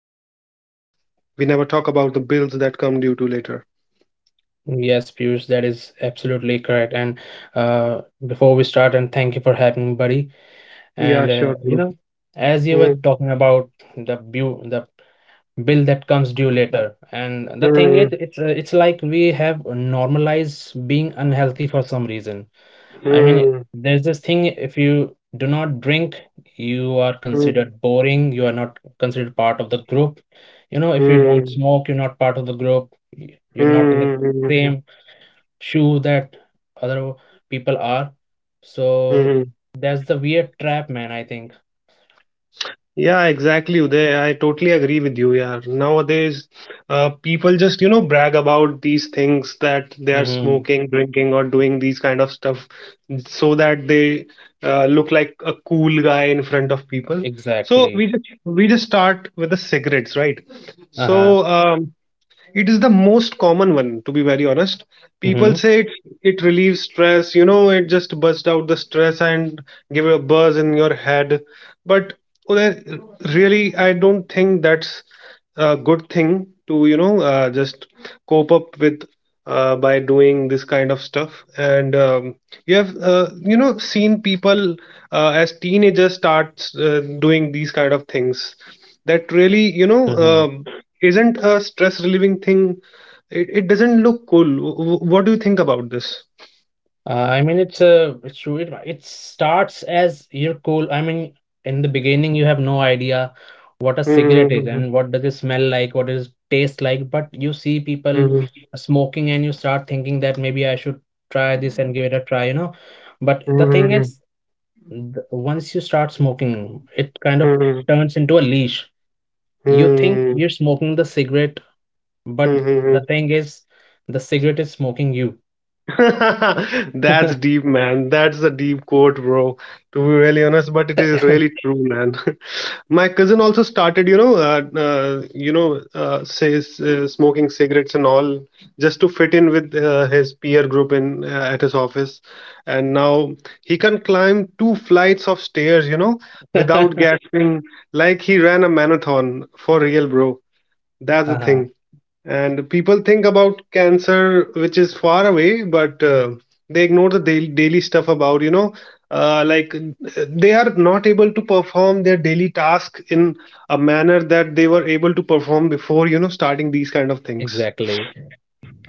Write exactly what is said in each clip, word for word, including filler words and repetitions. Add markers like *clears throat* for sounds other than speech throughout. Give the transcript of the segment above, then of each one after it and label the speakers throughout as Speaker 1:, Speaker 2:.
Speaker 1: but man, we never talk about the bills that come due to later.
Speaker 2: Yes, Piyush, that is absolutely correct. And uh, before we start, and thank you for having me, buddy. And
Speaker 1: Yeah,
Speaker 2: uh,
Speaker 1: sure,
Speaker 2: you know,
Speaker 1: bro.
Speaker 2: as you were
Speaker 1: Mm,
Speaker 2: talking about the bill, the bill that comes due later, and the thing is,
Speaker 1: mm,
Speaker 2: it's uh, it's like we have normalized being unhealthy for some reason. I mean,
Speaker 1: mm,
Speaker 2: there's this thing if you do not drink, you are considered
Speaker 1: mm,
Speaker 2: boring. You are not considered part of the group. You know, if you don't
Speaker 1: mm,
Speaker 2: smoke, you're not part of the group. y- You're not in the same
Speaker 1: mm,
Speaker 2: shoe that other people are. So
Speaker 1: mm.
Speaker 2: that's the weird trap, man, I think.
Speaker 1: Yeah, exactly, Uday. I totally agree with you, yeah. Nowadays, uh, people just, you know, brag about these things that they are
Speaker 2: Mm-hmm.
Speaker 1: smoking, drinking, or doing these kind of stuff so that they uh, look like a cool guy in front of people. So we
Speaker 2: Exactly.
Speaker 1: just we just start with the cigarettes, right?
Speaker 2: Uh-huh.
Speaker 1: So um, it is the most common one, to be very honest. People
Speaker 2: Mm-hmm.
Speaker 1: say it it relieves stress, you know, it just bursts out the stress and give you a buzz in your head. But Uday, really, I don't think that's a good thing to, you know, uh, just cope up with, uh, by doing this kind of stuff. And um, You have, uh, you know, seen people uh, as teenagers start uh, doing these kind of things that, really, you know
Speaker 2: Mm-hmm.
Speaker 1: um, isn't a stress relieving thing. It, it doesn't look cool. W- w- what do you think about this?
Speaker 2: Uh, I mean, it's a it's true. It, it starts as you're cool. I mean, in the beginning, you have no idea what a cigarette is
Speaker 1: Hmm.
Speaker 2: and what does it smell like, what does it taste like. But you see people
Speaker 1: Hmm.
Speaker 2: smoking, and you start thinking that maybe I should try this and give it a try, you know. But the
Speaker 1: Hmm.
Speaker 2: thing is,
Speaker 1: Hmm.
Speaker 2: th- once you start smoking, it kind of
Speaker 1: Hmm.
Speaker 2: turns into a leash. You think
Speaker 1: Hmm.
Speaker 2: you're smoking the cigarette, but
Speaker 1: Hmm.
Speaker 2: the
Speaker 1: Hmm.
Speaker 2: thing is, the cigarette is smoking you.
Speaker 1: *laughs* That's
Speaker 2: *laughs*
Speaker 1: deep, man. That's a deep quote, bro. To be really honest, but it is really true, man. *laughs* My cousin also started, you know, uh, uh, you know, uh, says uh, smoking cigarettes and all just to fit in with, uh, his peer group in, uh, at his office. And now he can climb two flights of stairs, you know, without gasping, like he ran a marathon for real, bro. That's the
Speaker 2: Uh-huh,
Speaker 1: thing. And people think about cancer, which is far away, but uh, they ignore the daily, daily stuff about, you know, uh, like uh, they are not able to perform their daily task in a manner that they were able to perform before, you know, starting these kind of things.
Speaker 2: exactly.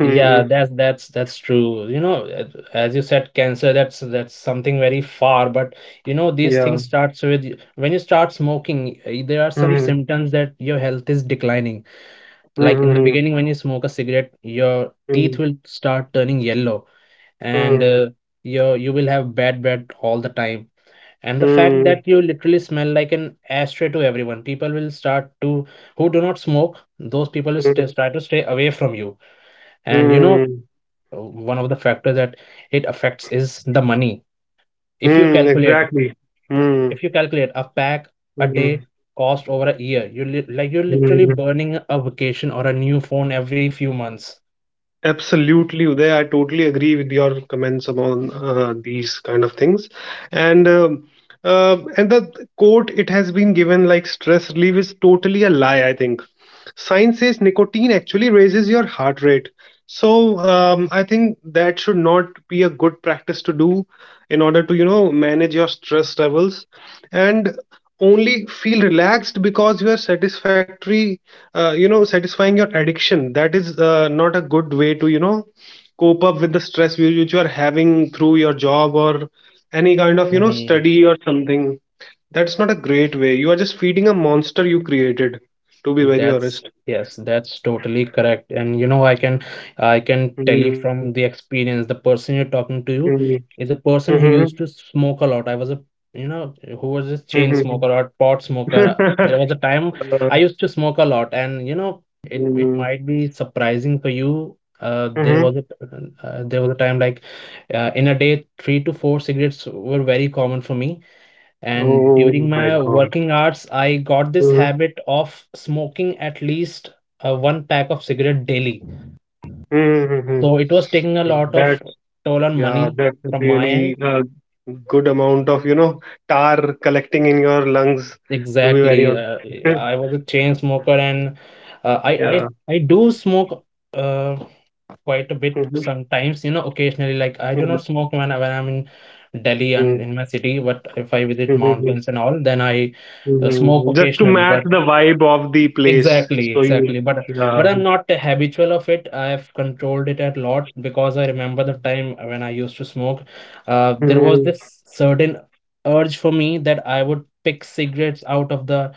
Speaker 2: Yeah, that's that's that's true. You know, a- as you said, cancer, that's that's something very far, but you know, these
Speaker 1: Yeah.
Speaker 2: things starts with y- when you start smoking, eh, there are some
Speaker 1: Hmm.
Speaker 2: symptoms that your health is declining. Like in the
Speaker 1: Hmm.
Speaker 2: beginning, when you smoke a cigarette, your teeth
Speaker 1: Hmm.
Speaker 2: will start turning yellow and
Speaker 1: Hmm.
Speaker 2: uh, you you will have bad breath all the time, and the
Speaker 1: Hmm.
Speaker 2: fact that
Speaker 1: Hmm.
Speaker 2: you literally smell like an ashtray to everyone, people will start to, who do not smoke, those people will
Speaker 1: Hmm. Hmm.
Speaker 2: st- try to stay away from you. And you know,
Speaker 1: Hmm,
Speaker 2: uh, one of the factors that it affects is the money. if you
Speaker 1: hmm.
Speaker 2: calculate
Speaker 1: Exactly. Hmm.
Speaker 2: if you calculate a pack a day
Speaker 1: Hmm.
Speaker 2: cost over a year, you li- like you're
Speaker 1: Hmm,
Speaker 2: literally
Speaker 1: hmm.
Speaker 2: burning a vacation or a new phone every few months.
Speaker 1: Absolutely, Uday. I totally agree with your comments upon, uh, these kind of things, and um uh, and the quote it has been given, like stress relief, is totally a lie. I think science says nicotine actually raises your heart rate. So um, I think that should not be a good practice to do in order to, you know, manage your stress levels and only feel relaxed because you are satisfactory, uh, you know, satisfying your addiction. That is, uh, not a good way to, you know, cope up with the stress whi- which you are having through your job or any kind of, you know,
Speaker 2: Mhm.
Speaker 1: study or something. That's not a great way. You are just feeding a monster you created, to be very
Speaker 2: That's
Speaker 1: honest.
Speaker 2: yes, that's totally correct. And you know, I can I can tell you
Speaker 1: Mhm,
Speaker 2: from the experience, the person you're talking to you
Speaker 1: mhm,
Speaker 2: is a person who
Speaker 1: mhm,
Speaker 2: used to smoke a lot. I was a you know, who was a chain
Speaker 1: mhm.
Speaker 2: smoker or pot smoker. There
Speaker 1: *laughs*
Speaker 2: was a time
Speaker 1: Uh,
Speaker 2: I used to smoke a lot, and you know, it it
Speaker 1: mm,
Speaker 2: might be surprising for you. Uh, there
Speaker 1: mhm.
Speaker 2: was a uh, there was a time like uh, in a day, three to four cigarettes were very common for me. And
Speaker 1: Oh
Speaker 2: during
Speaker 1: my
Speaker 2: my
Speaker 1: God.
Speaker 2: working hours, I got this
Speaker 1: Mhm,
Speaker 2: habit of smoking at least uh, one pack of cigarette daily.
Speaker 1: mhm, mhm.
Speaker 2: So it was taking a lot of
Speaker 1: That's,
Speaker 2: toll on
Speaker 1: yeah,
Speaker 2: money
Speaker 1: that's
Speaker 2: from my end.
Speaker 1: really a good amount of, you know, tar collecting in your lungs, to be very
Speaker 2: Exactly. Uh,
Speaker 1: honest. *laughs*
Speaker 2: I was a chain smoker and uh, I,
Speaker 1: Yeah.
Speaker 2: I I do smoke uh, quite a bit
Speaker 1: Mhm,
Speaker 2: sometimes, you know, occasionally. Like I do not
Speaker 1: mhm,
Speaker 2: smoke when, I- when I'm in Delhi and
Speaker 1: mhm,
Speaker 2: in my city, but if I visit
Speaker 1: mhm,
Speaker 2: mountains and all, then I uh,
Speaker 1: mhm.
Speaker 2: smoke
Speaker 1: Just to
Speaker 2: occasionally.
Speaker 1: match
Speaker 2: But
Speaker 1: the vibe of the place.
Speaker 2: Exactly,
Speaker 1: So you,
Speaker 2: exactly. But but
Speaker 1: yeah.
Speaker 2: I'm not habitual of it. I have controlled it a lot because I remember the time when I used to smoke. Uh, there was
Speaker 1: Mhm,
Speaker 2: this certain urge for me that I would pick cigarettes out of the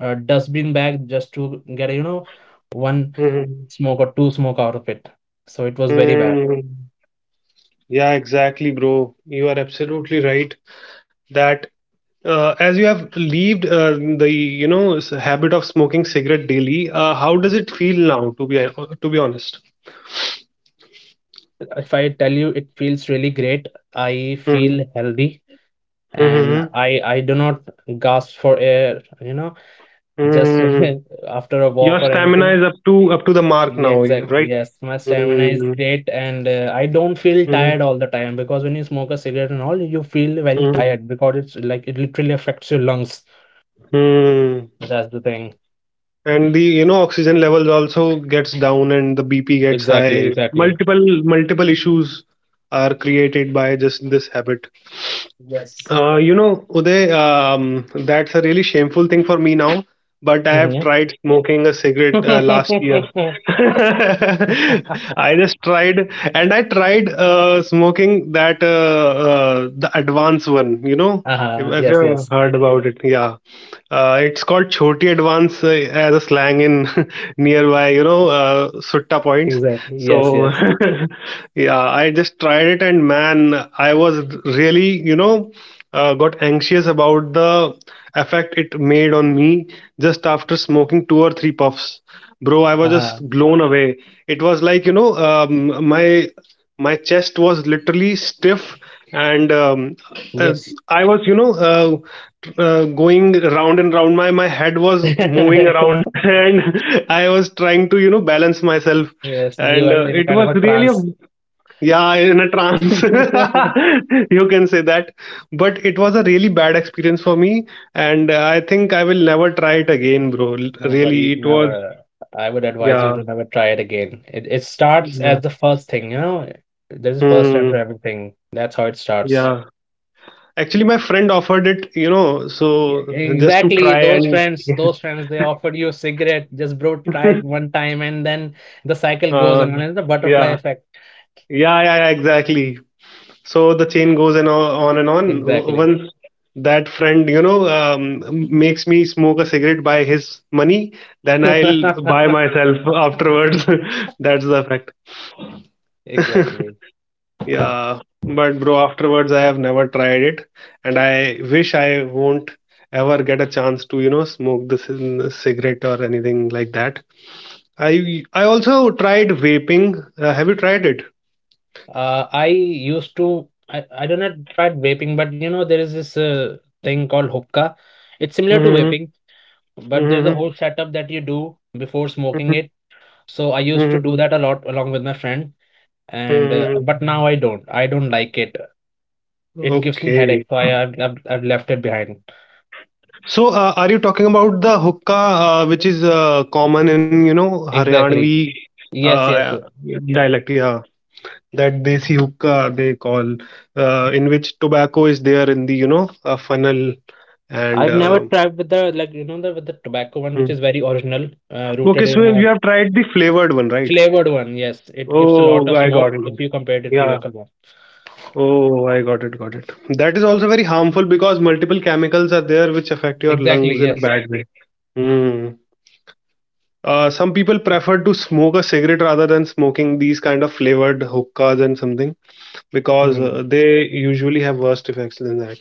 Speaker 2: uh, dustbin bag just to get, you know, one
Speaker 1: mhm,
Speaker 2: smoke or two smoke out of it. So it was very bad.
Speaker 1: mhm. Yeah, exactly, bro. You are absolutely right that, uh, as you have leaved, uh, the, you know, s- habit of smoking cigarette daily, uh, how does it feel now? To be, uh, to be honest.
Speaker 2: If I tell you, it feels really great. I
Speaker 1: Hmm,
Speaker 2: feel healthy
Speaker 1: hmm, hmm,
Speaker 2: and
Speaker 1: hmm.
Speaker 2: I I do not gasp for air, you know, just
Speaker 1: Hmm.
Speaker 2: *laughs* after a
Speaker 1: Your
Speaker 2: walk or
Speaker 1: stamina
Speaker 2: anything.
Speaker 1: is up to up to the mark
Speaker 2: Yeah,
Speaker 1: now, yeah,
Speaker 2: exactly.
Speaker 1: right?
Speaker 2: Yes, my stamina is
Speaker 1: Hmm,
Speaker 2: great, and uh, I don't feel
Speaker 1: hmm,
Speaker 2: tired all the time because when you smoke a cigarette and all, you feel very
Speaker 1: hmm,
Speaker 2: tired because it's like it literally affects your lungs.
Speaker 1: hmm.
Speaker 2: That's the thing.
Speaker 1: And the, you know, oxygen levels also gets down and the B P gets
Speaker 2: Exactly.
Speaker 1: high.
Speaker 2: Exactly.
Speaker 1: Multiple multiple issues are created by just this habit.
Speaker 2: Yes.
Speaker 1: Uh, you know, Uday, um, that's a really shameful thing for me now, but I have
Speaker 2: Mhm.
Speaker 1: tried smoking a cigarette, uh, last year.
Speaker 2: Yeah.
Speaker 1: *laughs*
Speaker 2: *laughs*
Speaker 1: I just tried, and I tried, uh, smoking that, uh, uh, the advanced one, you know, if,
Speaker 2: Uh-huh.
Speaker 1: if
Speaker 2: Yes,
Speaker 1: you
Speaker 2: yes.
Speaker 1: heard about it, yeah. Uh, it's called Choti Advance, uh, as a slang in, *laughs* nearby, you know, uh, Sutta points.
Speaker 2: Exactly. Yes,
Speaker 1: So,
Speaker 2: yes.
Speaker 1: *laughs* yeah, I just tried it, and man, I was really, you know, uh, got anxious about the effect it made on me just after smoking two or three puffs. Bro, I was
Speaker 2: Uh-huh.
Speaker 1: just blown away. It was like, you know, um, my my chest was literally stiff and um, uh,
Speaker 2: Yes.
Speaker 1: I was, you know, uh, uh, going round and round. My my head was moving around
Speaker 2: *laughs*
Speaker 1: *laughs* and I was trying to, you know, balance myself.
Speaker 2: Yes,
Speaker 1: And,
Speaker 2: you are
Speaker 1: uh,
Speaker 2: in a
Speaker 1: it
Speaker 2: kind
Speaker 1: was
Speaker 2: of a
Speaker 1: really
Speaker 2: trance.
Speaker 1: a, yeah, in a trance. *laughs*
Speaker 2: *laughs*
Speaker 1: You can say that. But it was a really bad experience for me, and, uh, I think I will never try it again, bro. L-
Speaker 2: No,
Speaker 1: Really,
Speaker 2: buddy,
Speaker 1: it was,
Speaker 2: never. I would advise you
Speaker 1: yeah,
Speaker 2: to never try it again. It it starts
Speaker 1: yeah.
Speaker 2: as the first thing, you know. There's a first time
Speaker 1: Hmm,
Speaker 2: for everything. That's how it starts.
Speaker 1: yeah. Actually, my friend offered it, you know,
Speaker 2: Yeah,
Speaker 1: so just to
Speaker 2: exactly.
Speaker 1: try
Speaker 2: Those
Speaker 1: and
Speaker 2: friends, those friends, they offered you a cigarette. Just bro, try it
Speaker 1: *laughs*
Speaker 2: one time, and then the cycle goes
Speaker 1: uh,
Speaker 2: on, and it's the butterfly
Speaker 1: yeah,
Speaker 2: effect.
Speaker 1: yeah, yeah, yeah, exactly. So the chain goes and o- on and on. W-
Speaker 2: Exactly.
Speaker 1: Once that friend, you know, um, makes me smoke a cigarette by his money, then I'll buy
Speaker 2: *laughs*
Speaker 1: myself afterwards. *laughs* That's the fact. *laughs*
Speaker 2: Exactly.
Speaker 1: Yeah, but bro, afterwards I have never tried it, and I wish I won't ever get a chance to, you know, smoke this cigarette or anything like that. I I also tried vaping. Uh, have you tried it?
Speaker 2: Uh, I used to. I I don't know. Tried vaping, but you know there is this uh, thing called hookah. It's similar to
Speaker 1: Mm-hmm,
Speaker 2: vaping, but there's a
Speaker 1: mm-hmm,
Speaker 2: whole setup that you do before smoking it. So I used to do
Speaker 1: mm-hmm,
Speaker 2: that a lot along with my friend, and uh, but now I
Speaker 1: mm-hmm.
Speaker 2: don't. I don't like it. It gives me headache,
Speaker 1: Okay.
Speaker 2: so I, I've, I've I've left it behind.
Speaker 1: So, uh, are you talking about the hookah, uh, which is, uh, common in, you know,
Speaker 2: Exactly.
Speaker 1: Haryanvi,
Speaker 2: Yes, yes.
Speaker 1: uh,
Speaker 2: yes.
Speaker 1: dialect? Yeah, that desi hookah they call, uh, in which tobacco is there in the, you know, uh, funnel and.
Speaker 2: I've never
Speaker 1: Uh,
Speaker 2: tried with the, like, you know, the with the tobacco one, which
Speaker 1: hmm.
Speaker 2: is very original, uh,
Speaker 1: Okay,
Speaker 2: rooted
Speaker 1: so
Speaker 2: in
Speaker 1: you
Speaker 2: a
Speaker 1: have tried the flavored one, right?
Speaker 2: flavored one. Yes, it gives a lot
Speaker 1: Oh,
Speaker 2: of
Speaker 1: I got
Speaker 2: smoke
Speaker 1: it.
Speaker 2: if you compare it to
Speaker 1: Yeah.
Speaker 2: local one.
Speaker 1: Oh, I got it, got it. That is also very harmful because multiple chemicals are there which affect your lungs
Speaker 2: Exactly.
Speaker 1: in a
Speaker 2: Yes.
Speaker 1: bad way. Hmm. Uh, some people prefer to smoke a cigarette rather than smoking these kind of flavored hookahs and something because, uh,
Speaker 2: Mhm.
Speaker 1: they usually have worse effects than that.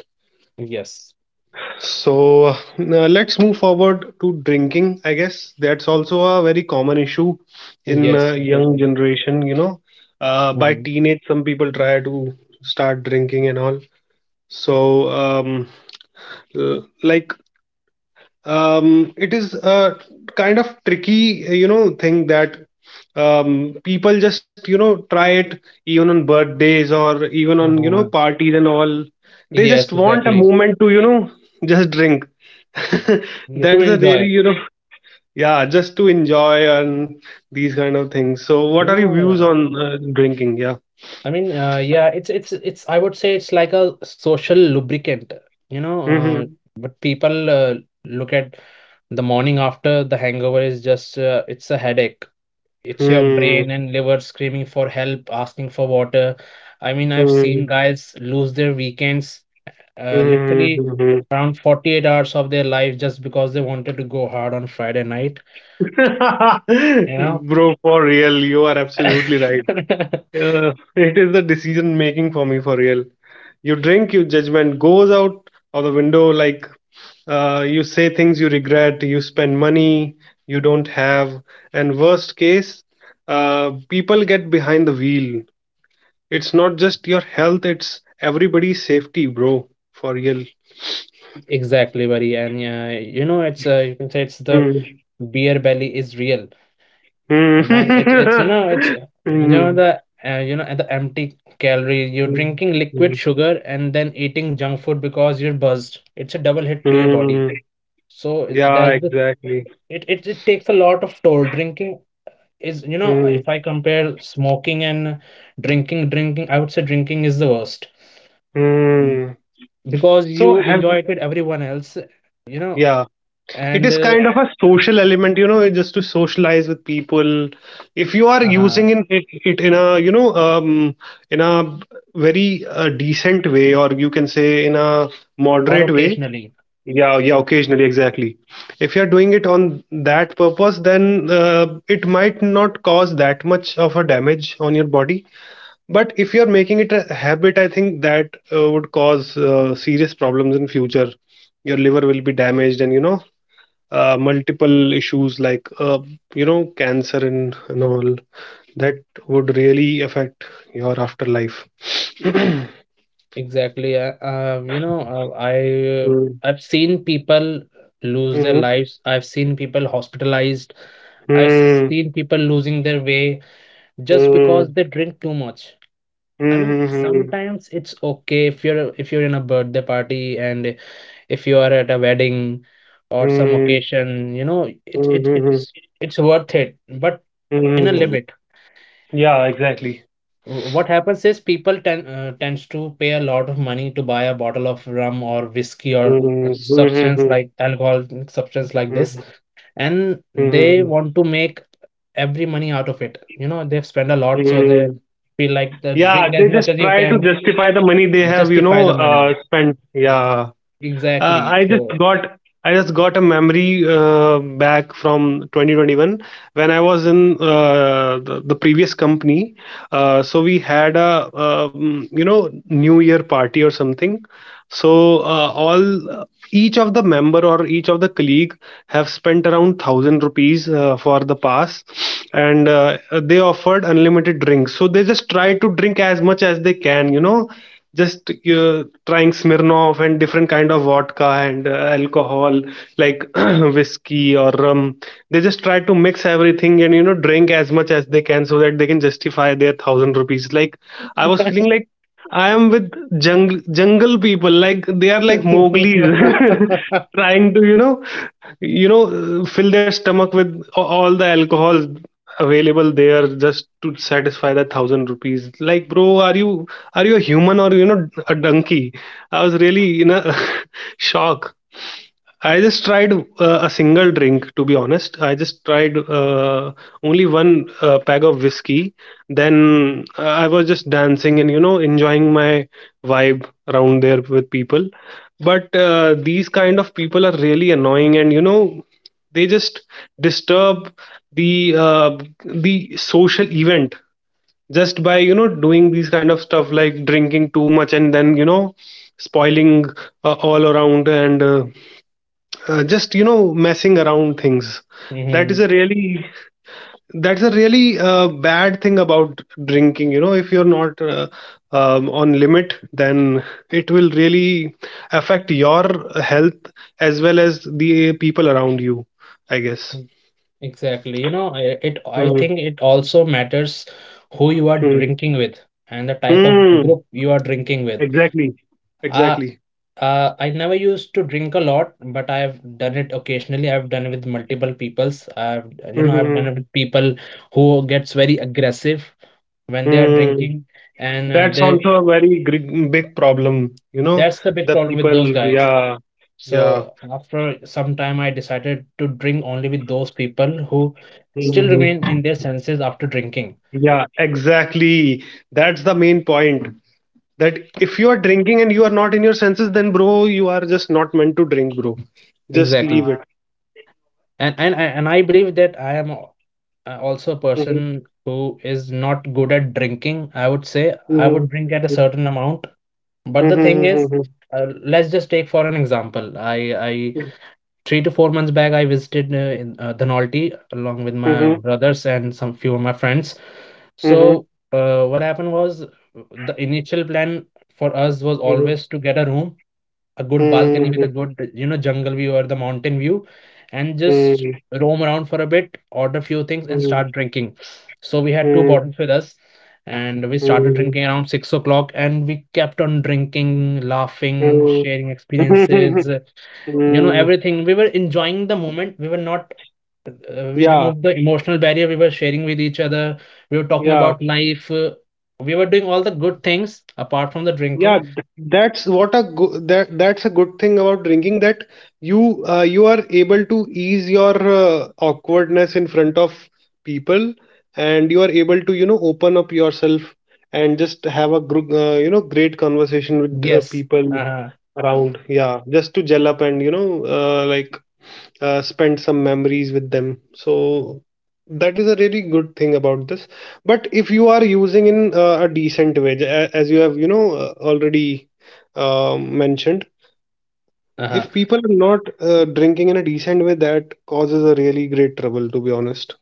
Speaker 2: Yes.
Speaker 1: So, uh, let's move forward to drinking. I guess that's also a very common issue in, uh,
Speaker 2: Yes.
Speaker 1: young
Speaker 2: Exactly.
Speaker 1: generation. You know, uh, by
Speaker 2: Hmm.
Speaker 1: teenage, some people try to start drinking and all. So um, l- like, um, it is a kind of tricky, you know, thing that, um, people just, you know, try it even on birthdays or even on, you know, parties and all, they just
Speaker 2: Yes.
Speaker 1: want a
Speaker 2: Exactly.
Speaker 1: moment to, you know, just drink, *laughs*
Speaker 2: You to
Speaker 1: that is a really,
Speaker 2: enjoy.
Speaker 1: you know, yeah, just to enjoy and these kind of things. So what
Speaker 2: Yeah,
Speaker 1: are your views on, uh, drinking? Yeah.
Speaker 2: I mean, uh, yeah, it's it's it's. I would say it's like a social lubricant. You know, uh,
Speaker 1: Hmm,
Speaker 2: but people uh, look at the morning after. The hangover is just uh, it's a headache. It's your
Speaker 1: hmm,
Speaker 2: brain and liver screaming for help, asking for water. I mean, I've seen
Speaker 1: hmm,
Speaker 2: guys lose their weekends, uh, literally
Speaker 1: hmm.
Speaker 2: around forty-eight hours of their life just because they wanted to go hard on Friday night. You
Speaker 1: *laughs*
Speaker 2: know.
Speaker 1: Bro, for real, you are absolutely right.
Speaker 2: *laughs*
Speaker 1: Uh, it is the decision making for me, for real. You drink, your judgment goes out of the window, like, uh, you say things you regret, you spend money you don't have, and worst case, uh, people get behind the wheel. It's not just your health, it's everybody's safety, bro, for real.
Speaker 2: Exactly, buddy. And yeah, you know, it's uh, you can say it's the
Speaker 1: Hmm. *laughs*
Speaker 2: beer belly is real.
Speaker 1: Hmm.
Speaker 2: Uh, man it's it's you know it's uh, you know
Speaker 1: Hmm.
Speaker 2: the uh, you know the empty calorie you're
Speaker 1: Hmm.
Speaker 2: drinking, liquid sugar, and then eating junk food because you're buzzed. It's a double hit to your body.
Speaker 1: Hmm.
Speaker 2: So
Speaker 1: *laughs*
Speaker 2: uh,
Speaker 1: Yeah,
Speaker 2: that's the,
Speaker 1: exactly.
Speaker 2: it, it it takes a lot of toll. Drinking is, you know, if
Speaker 1: Hmm.
Speaker 2: I compare smoking and drinking drinking I would say drinking is the worst. Mm,
Speaker 1: Hmm.
Speaker 2: because
Speaker 1: So
Speaker 2: you
Speaker 1: have,
Speaker 2: enjoy it with everyone else, you know.
Speaker 1: yeah. It
Speaker 2: And
Speaker 1: is
Speaker 2: uh,
Speaker 1: kind of a social element, you know, just to socialize with people. If you are
Speaker 2: uh-huh,
Speaker 1: using in, it, it in a, you know, um, in a very, uh, decent way, or you can say in a
Speaker 2: or
Speaker 1: moderate way,
Speaker 2: occasionally.
Speaker 1: yeah, yeah, occasionally, exactly. If you are doing it on that purpose, then, uh, it might not cause that much of a damage on your body. But if you are making it a habit, I think that, uh, would cause, uh, serious problems in future. Your liver will be damaged, and you know, uh, multiple issues like, uh, you know, cancer and, and all that would really affect your afterlife. *clears throat*
Speaker 2: Exactly. I, um, you know, uh, I uh, I've seen people lose their
Speaker 1: Mm-hmm.
Speaker 2: lives. I've seen people hospitalized. I've
Speaker 1: Mm-hmm.
Speaker 2: seen people losing their way just because they drink too much. I mean,
Speaker 1: Mm-hmm.
Speaker 2: sometimes it's okay if you're if you're in a birthday party, and if you are at a wedding or some occasion, you know, it it
Speaker 1: Mm-hmm.
Speaker 2: it's it's worth it, but in a
Speaker 1: Hmm.
Speaker 2: limit.
Speaker 1: Yeah, exactly.
Speaker 2: Wh- what happens is people tend uh, tends to pay a lot of money to buy a bottle of rum or whiskey or
Speaker 1: Hmm.
Speaker 2: a
Speaker 1: Hmm. Hmm.
Speaker 2: substance, like alcoholic substance like this,
Speaker 1: Hmm.
Speaker 2: and they want to make every money out of it. You know, they've spent a lot, so
Speaker 1: Mm-hmm.
Speaker 2: they feel like they
Speaker 1: Yeah,
Speaker 2: drink
Speaker 1: they
Speaker 2: as
Speaker 1: just
Speaker 2: much as
Speaker 1: try
Speaker 2: you
Speaker 1: to
Speaker 2: can,
Speaker 1: justify the money they have, you know,
Speaker 2: justify the
Speaker 1: uh,
Speaker 2: money.
Speaker 1: spent.
Speaker 2: Ex-
Speaker 1: Yeah. Uh,
Speaker 2: exactly
Speaker 1: I just
Speaker 2: so.
Speaker 1: got I just got a memory, uh, back from twenty twenty-one when I was in, uh, the, the previous company. Uh, so we had a, um, you know, New Year party or something, so, uh, all, uh, each of the member or each of the colleague have spent around thousand rupees, uh, for the pass, and, uh, they offered unlimited drinks. So they just try to drink as much as they can. You know, just, uh, trying Smirnoff and different kind of vodka and, uh, alcohol like *clears throat* whiskey or rum. They just try to mix everything and you know drink as much as they can so that they can justify their thousand rupees. Like, I was feeling like I am with jungle jungle people. Like, they are like Mowgli's,
Speaker 2: *laughs*
Speaker 1: *laughs* trying to, you know you know uh, fill their stomach with a- all the alcohol available there just to satisfy that thousand rupees. Like, bro, are you are you a human or, you know, a donkey? I was really in a *laughs* shock. I just tried uh, a single drink, to be honest. I just tried uh, only one uh, pack of whiskey. Then uh, I was just dancing and, you know, enjoying my vibe around there with people. But uh, these kind of people are really annoying and, you know, they just disturb the uh, the social event, just by, you know, doing these kind of stuff like drinking too much and then, you know, spoiling uh, all around, and uh, uh, just, you know, messing around things. that is
Speaker 2: Mhm.
Speaker 1: a really that's a really uh, bad thing about drinking, you know. If you're not uh, um, on limit, then it will really affect your health, as well as the people around you, I guess.
Speaker 2: Exactly. You know, I- it, I
Speaker 1: Mm.
Speaker 2: think it also matters who you are
Speaker 1: Mm.
Speaker 2: drinking with and the type of
Speaker 1: Mm.
Speaker 2: group you are drinking with.
Speaker 1: Exactly.
Speaker 2: Uh,
Speaker 1: Exactly.
Speaker 2: uh, I never used to drink a lot, but I've done it occasionally. I've done it with multiple peoples. I've, you know, I've done
Speaker 1: Hmm.
Speaker 2: it with people who gets very aggressive when they are
Speaker 1: Mm.
Speaker 2: drinking, and uh,
Speaker 1: That's
Speaker 2: they
Speaker 1: also a very gr- big problem, you know.
Speaker 2: that's the big
Speaker 1: The
Speaker 2: problem with those
Speaker 1: people.
Speaker 2: guys.
Speaker 1: Yeah. Yeah.
Speaker 2: So after some time, I decided to drink only with those people who still remain
Speaker 1: Mm-hmm.
Speaker 2: in their senses after drinking.
Speaker 1: Yeah, exactly. That's the main point. That if you are drinking and you are not in your senses, then bro, you are just not meant to drink, bro. Just leave
Speaker 2: Exactly.
Speaker 1: it.
Speaker 2: and and I- and I believe that I am al- uh, also a
Speaker 1: Uh,
Speaker 2: person who is not good at drinking. I would say I would
Speaker 1: Mhm,
Speaker 2: drink at a
Speaker 1: mhm,
Speaker 2: certain amount, but the thing is,
Speaker 1: mhm,
Speaker 2: uh, let's just take for an example. I I three to four months back I visited uh, in uh, Dhanolti along with my
Speaker 1: mhm, mhm,
Speaker 2: brothers and some few of my friends.
Speaker 1: mhm,
Speaker 2: So
Speaker 1: mhm,
Speaker 2: uh, what happened was uh, the initial plan for us was
Speaker 1: mhm,
Speaker 2: always
Speaker 1: mhm,
Speaker 2: to get a room, a good balcony with a good, you know, jungle view or the mountain view, and just
Speaker 1: mhm,
Speaker 2: roam around for a bit, order few things, and start drinking. So we had two
Speaker 1: mhm,
Speaker 2: bottles with us, and we started drinking around six o'clock, and we kept on drinking, laughing,
Speaker 1: mhm,
Speaker 2: sharing
Speaker 1: mhm,
Speaker 2: experiences, uh, you know,
Speaker 1: mhm.
Speaker 2: everything. We were enjoying the moment. We were not. Uh, we
Speaker 1: Yeah,
Speaker 2: removed the emotional barrier. We were sharing with each other. We were talking
Speaker 1: yeah.
Speaker 2: about life. Uh, we were doing all the good things apart from the
Speaker 1: Yeah,
Speaker 2: drinking.
Speaker 1: th- that's what a go- that that's a good thing about drinking, that you uh, you are able to ease your uh, awkwardness in front of people, and you are able to, you know, open up yourself and just have a group, uh, you know, great conversation with uh,
Speaker 2: Yes.
Speaker 1: people
Speaker 2: Uh-huh.
Speaker 1: around. Yeah, just to gel up and, you know, uh, like, uh, spend some memories with them. So that is a really good thing about this. But if you are using in uh, a decent way, a- as you have, you know, uh, already um mentioned,
Speaker 2: Uh-huh.
Speaker 1: if people are not uh, drinking in a decent way, that causes a really great trouble, to be honest.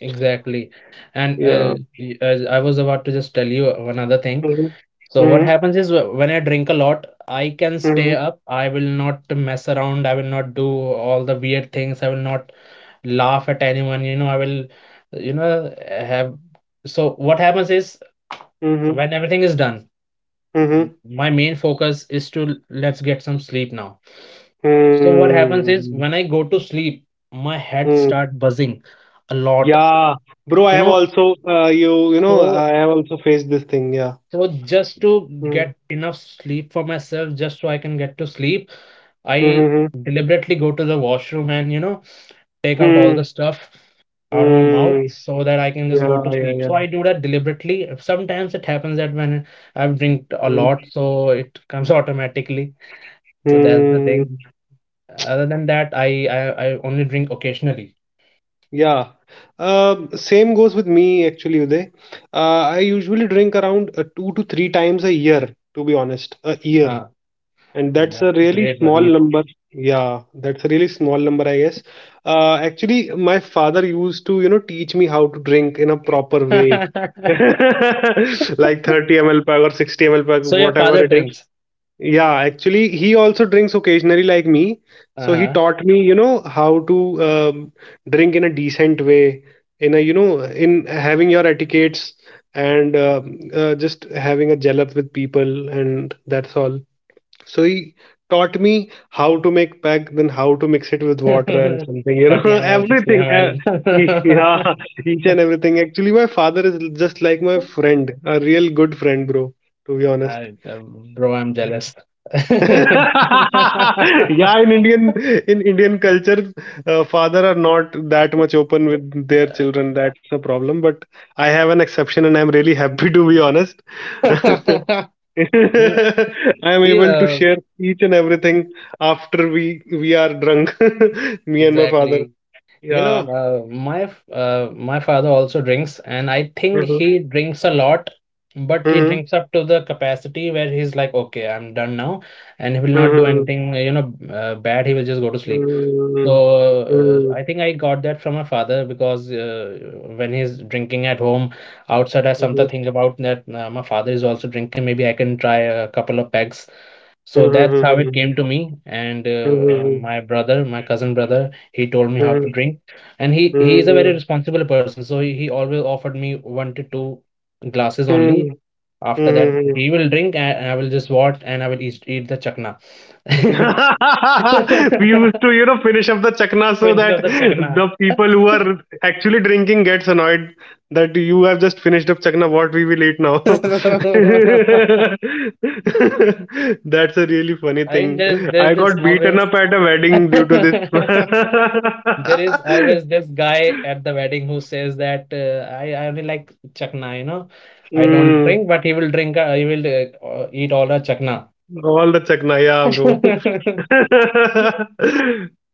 Speaker 2: Exactly. And uh,
Speaker 1: Yeah.
Speaker 2: y- as I was about to just tell you one other thing.
Speaker 1: Hmm.
Speaker 2: So what
Speaker 1: Hmm.
Speaker 2: happens is wh- when I drink a lot, I can stay
Speaker 1: Hmm.
Speaker 2: up. I will not mess around. I will not do all the weird things. I will not laugh at anyone. You know, I will, you know, have. So what happens is
Speaker 1: Hmm.
Speaker 2: when everything is done, m-
Speaker 1: Hmm.
Speaker 2: my main focus is to l- let's get some sleep now. So what happens
Speaker 1: Hmm.
Speaker 2: is when I go to sleep, my head
Speaker 1: Hmm.
Speaker 2: start buzzing a lot.
Speaker 1: Yeah, bro. I
Speaker 2: You
Speaker 1: have
Speaker 2: know,
Speaker 1: also, uh, you you know
Speaker 2: so
Speaker 1: I have also faced this thing. Yeah.
Speaker 2: So just to
Speaker 1: Hmm.
Speaker 2: get enough sleep for myself, just so I can get to sleep, I
Speaker 1: Hmm. Hmm.
Speaker 2: deliberately go to the washroom and, you know, take out all the
Speaker 1: Hmm.
Speaker 2: stuff out of my mouth
Speaker 1: Mm,
Speaker 2: so that I can just go
Speaker 1: yeah,
Speaker 2: to
Speaker 1: yeah,
Speaker 2: sleep.
Speaker 1: yeah.
Speaker 2: So I do that deliberately. Sometimes it happens that when I've drink a lot,
Speaker 1: Mm,
Speaker 2: so it comes *laughs* automatically. So that's the thing.
Speaker 1: mm,
Speaker 2: Other than that, I I, I only drink occasionally.
Speaker 1: yeah. Um, same goes with me actually, Uday. Uh, I usually drink around uh, two to three times a year, to be honest, a year.
Speaker 2: Ah.
Speaker 1: And that's a
Speaker 2: That's
Speaker 1: really
Speaker 2: great,
Speaker 1: small
Speaker 2: buddy.
Speaker 1: number. Yeah, that's a really small number, I guess. Uh, actually, my father used to, you know, teach me how to drink in a proper way. *laughs*
Speaker 2: *laughs*
Speaker 1: Like, thirty m l pack or sixty m l pack,
Speaker 2: So your
Speaker 1: whatever
Speaker 2: father
Speaker 1: it is.
Speaker 2: drinks.
Speaker 1: Yeah, actually, he also drinks occasionally like me.
Speaker 2: Uh
Speaker 1: So he
Speaker 2: huh.
Speaker 1: taught me, you know, how to, um, drink in a decent way, in a, you know, in having your etiquettes, and um uh, just having a gel up with people, and that's all. So he taught me how to make pack, then how to mix it with water and
Speaker 2: *laughs*
Speaker 1: something, you know, *laughs*
Speaker 2: thirty m l,
Speaker 1: everything.
Speaker 2: 60
Speaker 1: Uh,
Speaker 2: ml.
Speaker 1: yeah,
Speaker 2: *laughs*
Speaker 1: each and everything. Actually, my father is just like my friend, a real good friend, bro, to be honest.
Speaker 2: I, uh, bro, I'm jealous. *laughs*
Speaker 1: *laughs* Yeah, in Indian in Indian culture, uh, father are not that much open with their children. That's a problem. But I have an exception, and I'm really happy, to be honest. *laughs* I
Speaker 2: You know,
Speaker 1: am
Speaker 2: see,
Speaker 1: able to
Speaker 2: uh,
Speaker 1: share each and everything after we we are drunk, *laughs* me and my father.
Speaker 2: exactly. You know,
Speaker 1: Yeah.
Speaker 2: uh, my f- uh, my father also drinks, and I think
Speaker 1: Mhm.
Speaker 2: he drinks a lot, but he drinks up to the capacity where he's like, okay, I'm done now, and he will not do
Speaker 1: Mhm.
Speaker 2: anything, you know, uh, bad. He will just go to sleep. So,
Speaker 1: Mhm.
Speaker 2: uh,
Speaker 1: Mhm.
Speaker 2: I think I got that from my father because uh, when he's drinking at home, outside I sometimes think about that uh, my father is also drinking. Maybe I can try a couple of pegs.
Speaker 1: Mhm.
Speaker 2: So that's
Speaker 1: Mhm.
Speaker 2: how
Speaker 1: Mhm.
Speaker 2: it came
Speaker 1: Mhm.
Speaker 2: to me. And uh, uh, my brother, my cousin brother, he told me how to
Speaker 1: Mhm.
Speaker 2: drink, and he he is a very responsible person. So he, he always offered me one to two glasses
Speaker 1: Mhm.
Speaker 2: only.
Speaker 1: Mhm.
Speaker 2: After that,
Speaker 1: Mhm. Mhm.
Speaker 2: he will drink, and, and I will just watch, and I will eat, eat the chakna.
Speaker 1: *laughs* We
Speaker 2: *laughs*
Speaker 1: used to, you know, finish up the chakna so
Speaker 2: Finish of
Speaker 1: that
Speaker 2: the chakna.
Speaker 1: the people who
Speaker 2: *laughs*
Speaker 1: are actually drinking gets annoyed that you have just finished up chakna. What we will eat now?
Speaker 2: I
Speaker 1: *laughs* That's a really funny
Speaker 2: mean,
Speaker 1: thing.
Speaker 2: there's
Speaker 1: I
Speaker 2: there's this
Speaker 1: got beaten
Speaker 2: always
Speaker 1: up at a wedding
Speaker 2: *laughs*
Speaker 1: due to this.
Speaker 2: there is always
Speaker 1: *laughs*
Speaker 2: this guy at the wedding who says that uh, I I only like chakna, you know. I don't
Speaker 1: Mm,
Speaker 2: drink, but he will drink. Uh, he will uh, uh, eat all the chakna.
Speaker 1: all the chakna, yeah, bro.
Speaker 2: *laughs*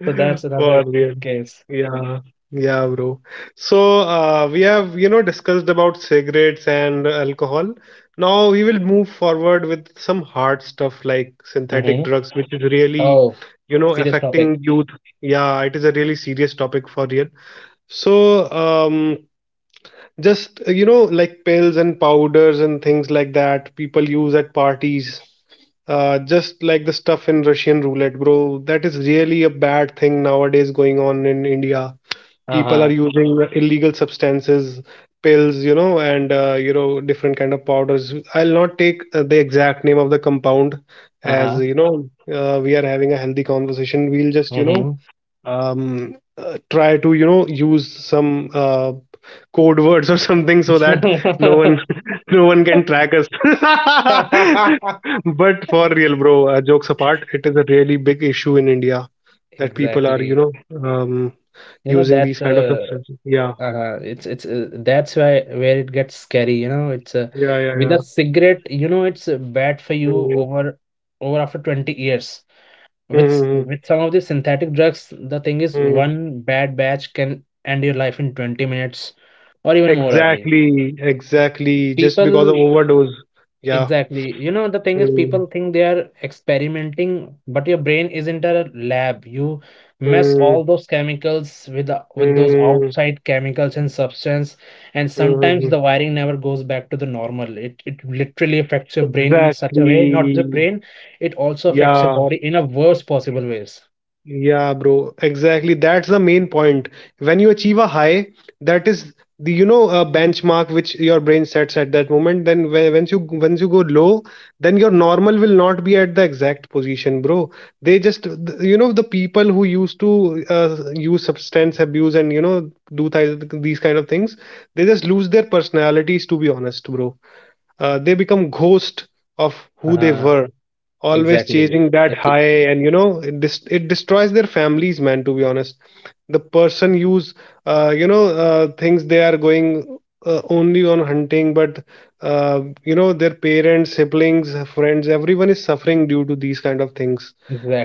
Speaker 2: So that's
Speaker 1: *laughs* For
Speaker 2: another
Speaker 1: real.
Speaker 2: case.
Speaker 1: Yeah. Yeah, bro. So, uh, we have, you know, discussed about cigarettes and alcohol. Now we will move forward with some hard stuff like synthetic
Speaker 2: Mm-hmm.
Speaker 1: drugs, which is really,
Speaker 2: Oh,
Speaker 1: you know,
Speaker 2: serious topic.
Speaker 1: affecting youth. Yeah, it is a really serious topic for real. So, um, just, you know, like pills and powders and things like that people use at parties. Uh, just like the stuff in Russian roulette, bro. That is really a bad thing nowadays going on in India. People are
Speaker 2: Uh-huh.
Speaker 1: using illegal substances, pills, you know, and, uh, you know, different kind of powders. I'll not take uh, the exact name of the compound, as
Speaker 2: Uh-huh.
Speaker 1: you know. Uh, we are having a healthy conversation. We'll just, you know,
Speaker 2: Mm-hmm.
Speaker 1: um, uh, try to, you know, use some uh, code words or something, so that no one *laughs* no one can track us. *laughs*
Speaker 2: *laughs*
Speaker 1: But for real, bro, uh, jokes apart, it is a really big issue in India that people are, you
Speaker 2: Exactly.
Speaker 1: know, um
Speaker 2: You know,
Speaker 1: using these
Speaker 2: that's
Speaker 1: kind of
Speaker 2: uh,
Speaker 1: substances. Yeah.
Speaker 2: Uh, it's it's uh, that's why where it gets scary, you know. It's uh,
Speaker 1: Yeah. Yeah.
Speaker 2: with
Speaker 1: Yeah.
Speaker 2: a cigarette, you know, it's uh, bad for you
Speaker 1: Mhm.
Speaker 2: over over after twenty years. With s-
Speaker 1: Mhm.
Speaker 2: with some of the synthetic drugs, the thing is
Speaker 1: Mhm.
Speaker 2: one bad batch can end your life in twenty minutes or even more early.
Speaker 1: Exactly. Exactly. Just because of
Speaker 2: People
Speaker 1: overdose. Yeah.
Speaker 2: Exactly. You know, the thing is, people
Speaker 1: Mm.
Speaker 2: think they are experimenting, but your brain isn't a lab. You mess
Speaker 1: Mm.
Speaker 2: all those chemicals with the, with those
Speaker 1: Mm.
Speaker 2: outside chemicals and substance, and sometimes
Speaker 1: Mhm.
Speaker 2: the wiring never goes back to the normal. It it literally affects your brain in such a
Speaker 1: Exactly.
Speaker 2: way, not the brain, it also affects your
Speaker 1: Yeah.
Speaker 2: body in a worst possible ways.
Speaker 1: Yeah, bro, exactly. That's the main point. When you achieve a high, that is the, you know, uh, benchmark which your brain sets at that moment. Then when, once you once you go low, then your normal will not be at the exact position, bro. They just th- you know, the people who used to, uh, use substance abuse, and, you know, do th- these kind of things, they just lose their personalities, to be honest, bro. Uh, they become ghost of who they
Speaker 2: Uh-huh.
Speaker 1: were, always
Speaker 2: Exactly.
Speaker 1: chasing that
Speaker 2: It's
Speaker 1: high. And, you know, it, dis- it destroys their families, man, to be honest. The person use, uh, you know, uh, things they are going, uh, only on hunting. But uh, you know, their parents, siblings, friends, everyone is suffering due to these kind of things.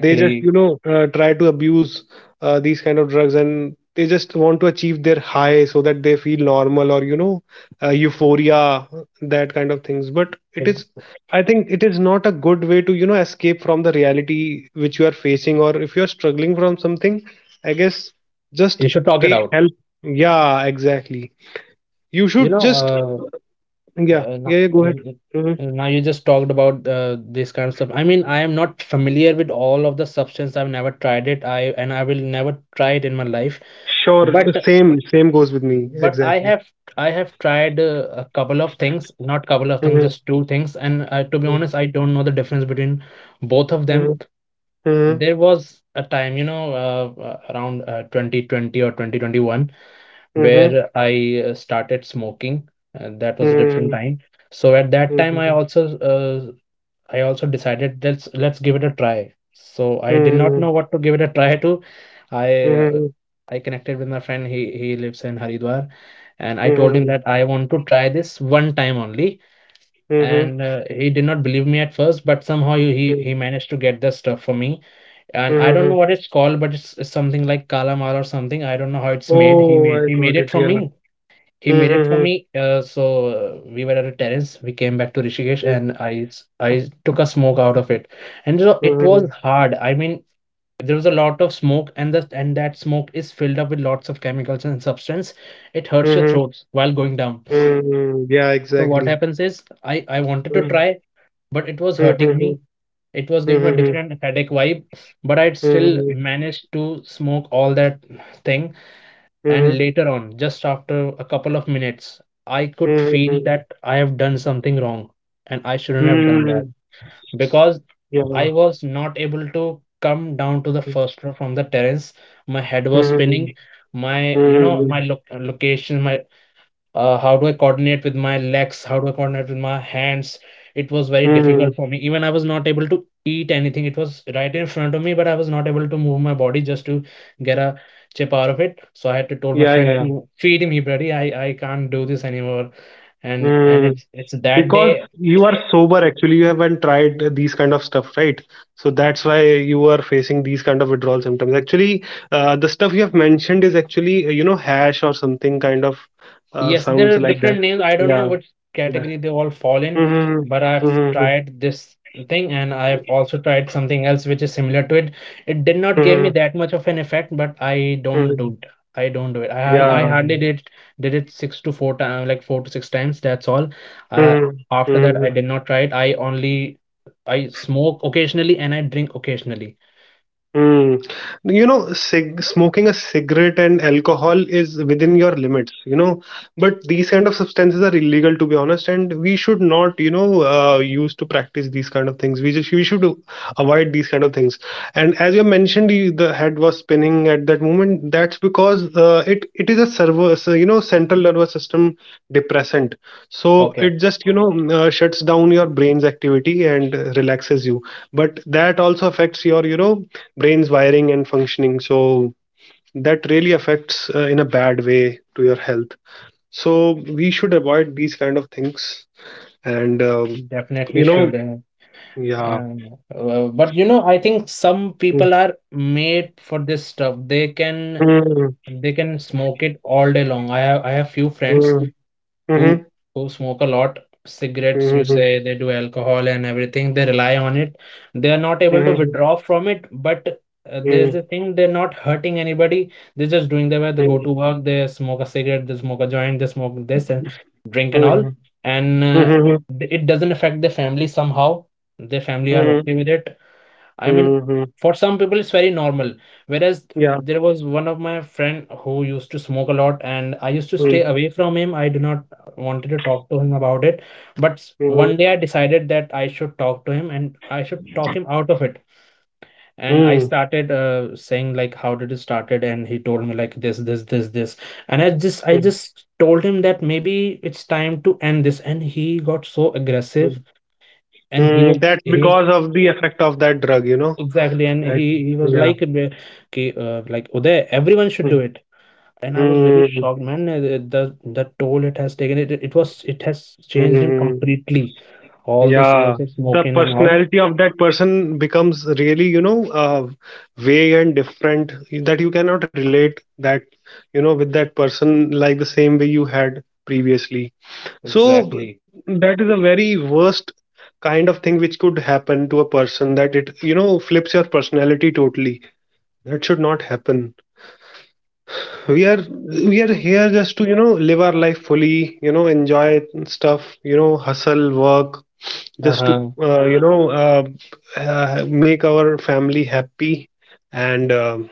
Speaker 1: They just, you know, uh, try to abuse uh, these kind of drugs, and they just want to achieve their high so that they feel normal, or you know, uh, euphoria, that kind of things. But it
Speaker 2: It's,
Speaker 1: is, I think it is not a good way to, you know, escape from the reality which you are facing, or if you are struggling from something, I guess.
Speaker 2: you
Speaker 1: Just
Speaker 2: should talk it
Speaker 1: take
Speaker 2: out.
Speaker 1: help. Yeah, exactly. You
Speaker 2: You
Speaker 1: should
Speaker 2: know,
Speaker 1: just.
Speaker 2: uh,
Speaker 1: Yeah.
Speaker 2: Uh,
Speaker 1: Yeah,
Speaker 2: now,
Speaker 1: yeah, go ahead.
Speaker 2: uh,
Speaker 1: Hmm.
Speaker 2: uh, now you just talked about uh, this kind of stuff. I mean, I am not familiar with all of the substance. I've never tried it. I and I will never try it in my life.
Speaker 1: Sure.
Speaker 2: But
Speaker 1: Same same goes with me.
Speaker 2: but I
Speaker 1: Exactly.
Speaker 2: have I have tried uh, a couple of things, not couple of things,
Speaker 1: Hmm.
Speaker 2: just two things. And uh, to be
Speaker 1: Hmm.
Speaker 2: honest, I don't know the difference between both of them.
Speaker 1: Hmm.
Speaker 2: There was a time, you know, uh, uh, around uh, twenty twenty or twenty twenty-one
Speaker 1: Hmm.
Speaker 2: where I uh, started smoking. And that was a different
Speaker 1: Hmm.
Speaker 2: time. So at that
Speaker 1: Hmm.
Speaker 2: time, I
Speaker 1: Hmm.
Speaker 2: also uh, I also decided let's let's give it a try. So I did not know what to give it a try to. I uh,
Speaker 1: Hmm.
Speaker 2: I connected with my friend. He he lives in Haridwar, and I told him that I want to try this one time only.
Speaker 1: Hmm.
Speaker 2: And uh, he did not believe me at first, but somehow he
Speaker 1: Hmm.
Speaker 2: he managed to get the stuff for me. And I don't
Speaker 1: Hmm.
Speaker 2: know what it's called, but it's, it's something like Kala Mal or something. I don't know how it's made. He
Speaker 1: Oh,
Speaker 2: made
Speaker 1: I
Speaker 2: he made
Speaker 1: got it.
Speaker 2: it for
Speaker 1: Yeah.
Speaker 2: me he made it for
Speaker 1: Mhm,
Speaker 2: me. Uh, so uh, we were at a terrace. We came back to Rishikesh,
Speaker 1: mhm,
Speaker 2: and I s- I took a smoke out of it, and so it was
Speaker 1: mhm,
Speaker 2: hard. I mean, there was a lot of smoke, and the and that smoke is filled up with lots of chemicals and substance. It hurts your
Speaker 1: mhm,
Speaker 2: throats while going down.
Speaker 1: mhm. Yeah,
Speaker 2: So what
Speaker 1: exactly.
Speaker 2: happens is, I I wanted to
Speaker 1: Mhm,
Speaker 2: try, but it was hurting
Speaker 1: mhm,
Speaker 2: me. It was giving me a
Speaker 1: mhm,
Speaker 2: different headache vibe, but I still
Speaker 1: mhm,
Speaker 2: managed to smoke all that thing, and
Speaker 1: mhm,
Speaker 2: later on, just after a couple of minutes, I could
Speaker 1: mhm,
Speaker 2: feel
Speaker 1: mhm.
Speaker 2: that I have done something wrong and I shouldn't have done that because
Speaker 1: Yeah.
Speaker 2: I was not able to come down to the
Speaker 1: Mhm,
Speaker 2: first floor from the terrace. My head was spinning. My, you
Speaker 1: mhm,
Speaker 2: know, my
Speaker 1: mhm,
Speaker 2: loc location, my uh, how do I coordinate with my legs? How do I coordinate with my hands? It was very difficult
Speaker 1: mhm.
Speaker 2: for me. Even I was not able to eat anything. It was right in front of me, but I was not able to move my body just to get a chip out of it. So I had to told my
Speaker 1: Yeah, yeah,
Speaker 2: friend
Speaker 1: yeah.
Speaker 2: to feed me, buddy. I, I can't do this anymore. And and
Speaker 1: Mm.
Speaker 2: it's it's that
Speaker 1: Because
Speaker 2: day.
Speaker 1: you are sober, actually, you haven't tried these kind of stuff, right? So that's why you are facing these kind of withdrawal symptoms. Actually, uh, the stuff you have mentioned is actually, uh, you know, hash or something kind of, uh,
Speaker 2: Yes, there
Speaker 1: sounds
Speaker 2: are
Speaker 1: like
Speaker 2: different
Speaker 1: that.
Speaker 2: names. I don't
Speaker 1: Yeah.
Speaker 2: know which
Speaker 1: Yeah.
Speaker 2: category they all fall in,
Speaker 1: Mhm,
Speaker 2: but I've
Speaker 1: mhm,
Speaker 2: tried this thing and I've also tried something else which is similar to it. It did not give me
Speaker 1: mhm,
Speaker 2: that much of an effect, but I don't
Speaker 1: mhm.
Speaker 2: do it. I don't do it. I I I
Speaker 1: Yeah.
Speaker 2: hardly did did it six to four times, like four to six times. That's all.
Speaker 1: Mhm,
Speaker 2: Uh, after
Speaker 1: mhm.
Speaker 2: that, I did not try it. I only I smoke occasionally and I drink occasionally.
Speaker 1: Hmm. You know, cig smoking a cigarette and alcohol is within your limits, you know, but these kind of substances are illegal, to be honest, and we should not, you know, uh, use to practice these kind of things. We just we should avoid these kind of things. And as you have mentioned, you, the head was spinning at that moment. That's because uh, it it is a servo, so, you know, central nervous system depressant. So
Speaker 2: Okay,
Speaker 1: it just, you know, mm, uh, shuts down your brain's activity, and uh, relaxes you. But that also affects your, you know, brain's wiring and functioning. So that really affects uh, in a bad way to your health. So we should avoid these kind of things, and um,
Speaker 2: definitely
Speaker 1: you know.
Speaker 2: should. uh,
Speaker 1: Yeah.
Speaker 2: Um, uh, but you know, I think some
Speaker 1: Mm,
Speaker 2: people are made for this stuff. They can
Speaker 1: mm,
Speaker 2: they can smoke it all day long. I have I have few friends
Speaker 1: mm,
Speaker 2: who
Speaker 1: mhm,
Speaker 2: who smoke a lot, cigarettes you say,
Speaker 1: mhm,
Speaker 2: they do alcohol and everything, they rely on it, they are not able
Speaker 1: mhm,
Speaker 2: to
Speaker 1: mhm,
Speaker 2: withdraw from it, but uh,
Speaker 1: mhm,
Speaker 2: there's the thing, they're not hurting anybody, they're just doing their way, they go to work, they smoke a cigarette, they smoke a joint, they smoke this and drink and all, and
Speaker 1: mhm,
Speaker 2: uh,
Speaker 1: mhm,
Speaker 2: th- it doesn't affect their family somehow, their family are
Speaker 1: mhm,
Speaker 2: okay with it. I mean,
Speaker 1: mhm.
Speaker 2: for some people it's very normal. Whereas
Speaker 1: Yeah.
Speaker 2: there was one of my friend who used to smoke a lot, and I used to stay
Speaker 1: Mm,
Speaker 2: away from him. I do not wanted to talk to him about it. But s- one day I
Speaker 1: mhm,
Speaker 2: decided that I should talk to him and I should talk him out of it.
Speaker 1: mm,
Speaker 2: And I started uh, saying like, how did it started? And he told me like this, this, this, this. And I just, I
Speaker 1: mm,
Speaker 2: just told him that maybe it's time to end this. And he got so aggressive,
Speaker 1: mm.
Speaker 2: and he
Speaker 1: Mm,
Speaker 2: was
Speaker 1: that's
Speaker 2: he
Speaker 1: because of the effect of that drug, you know,
Speaker 2: Exactly, and
Speaker 1: that.
Speaker 2: he he was
Speaker 1: Yeah.
Speaker 2: like, uh, "Ki, uh, like Uday, everyone should do
Speaker 1: Mm,
Speaker 2: it." And I was really
Speaker 1: mm,
Speaker 2: shocked, man. uh, The the the toll it has taken, it it was it has changed him
Speaker 1: mm.
Speaker 2: completely. All those
Speaker 1: Yeah,
Speaker 2: years of
Speaker 1: the
Speaker 2: smoking and all.
Speaker 1: personality of that person becomes really, you know, uh, vague and different, that you cannot relate that, you know, with that person like the same way you had previously. So
Speaker 2: Exactly.
Speaker 1: that is a very worst kind of thing which could happen to a person, that it, you know, flips your personality totally. That should not happen. We are we are here just to, you know, live our life fully, you know, enjoy stuff, you know, hustle, work, just to,
Speaker 2: Uh-huh.
Speaker 1: uh, you know, uh, uh, make our family happy, and um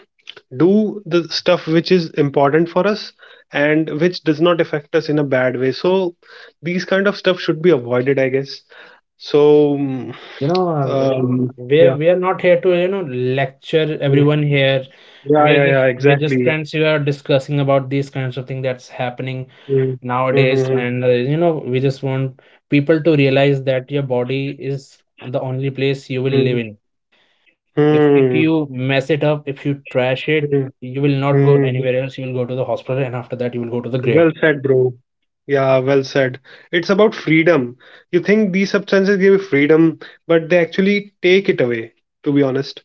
Speaker 1: do the stuff which is important for us and which does not affect us in a bad way. So these kind of stuff should be avoided, I guess. So. mm,
Speaker 2: You know, uh, uh,
Speaker 1: um,
Speaker 2: we're
Speaker 1: yeah.
Speaker 2: we're not here to, you know, lecture
Speaker 1: Mm.
Speaker 2: everyone here.
Speaker 1: Yeah.
Speaker 2: We're
Speaker 1: Yeah.
Speaker 2: just
Speaker 1: Yeah.
Speaker 2: we're just
Speaker 1: Exactly.
Speaker 2: friends who are discussing about these kinds of things that's happening
Speaker 1: Mm.
Speaker 2: nowadays,
Speaker 1: Hmm.
Speaker 2: and uh, you know, we just want people to realize that your body is the only place you will live
Speaker 1: Mm-hmm.
Speaker 2: in. If if you mess it up, if you trash it,
Speaker 1: Mm-hmm.
Speaker 2: you will not go
Speaker 1: Mm-hmm.
Speaker 2: anywhere else, you will go to the hospital, and after that you will go to the
Speaker 1: Well
Speaker 2: grave.
Speaker 1: said, bro. Yeah, well said. It's about freedom. You think these substances give you freedom, but they actually take it away, to be honest.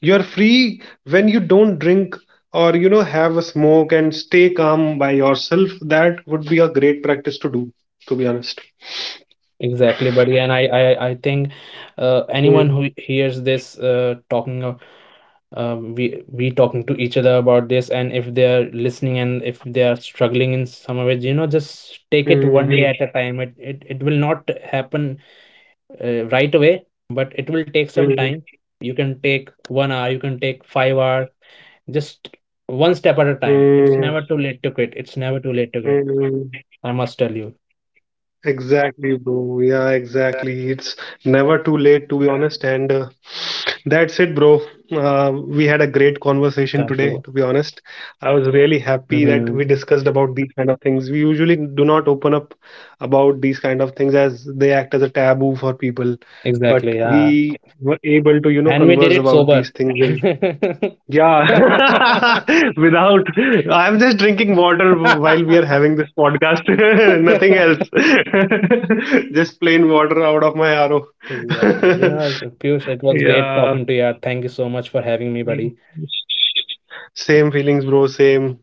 Speaker 1: You're free when you don't drink or, you know, have a smoke and stay calm by yourself. That would be a great practice to do, to be honest.
Speaker 2: Exactly, buddy, and i i, I think uh, anyone
Speaker 1: Mm,
Speaker 2: who hears this uh, talking uh, uh, we we talking to each other about this, and if they are listening and if they are struggling in some way, you know, just take it one day
Speaker 1: mm,
Speaker 2: at a time. It it, it will not happen uh, right away, but it will take some time.
Speaker 1: mm,
Speaker 2: You can take one hour, you can take five hour, just one
Speaker 1: mm,
Speaker 2: step at
Speaker 1: mm,
Speaker 2: a time. It's never too late to quit. It's never
Speaker 1: mm.
Speaker 2: too late to quit. I must tell you.
Speaker 1: Exactly, bro. Yeah, exactly. It's never too late, to be honest. And uh, that's it, bro. Uh, we had a great conversation today, to be
Speaker 2: Thank you.
Speaker 1: honest. I was really happy that we
Speaker 2: Hmm.
Speaker 1: discussed about these kind of things. We usually do not open up about these kind of things, as they act as a taboo for people. But
Speaker 2: Exactly. Yeah.
Speaker 1: we were able to, you know,
Speaker 2: And we did
Speaker 1: converse
Speaker 2: it
Speaker 1: about these
Speaker 2: sober.
Speaker 1: things.
Speaker 2: *laughs*
Speaker 1: Yeah, *laughs* without. I'm just drinking water while we are having this podcast. *laughs* Nothing else. *laughs* Just plain water out of my
Speaker 2: Exactly. You
Speaker 1: R O.
Speaker 2: know, Piyush, it
Speaker 1: *laughs*
Speaker 2: was great
Speaker 1: Yeah.
Speaker 2: talking to you. Thank you so much for having me, buddy.
Speaker 1: Same feelings, bro. Same.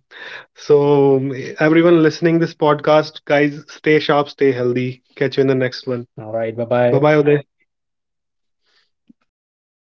Speaker 1: So, everyone listening this podcast, guys, stay sharp, stay healthy. Catch you in the next one.
Speaker 2: All right. Bye
Speaker 1: Bye
Speaker 2: bye.
Speaker 1: bye, Uday.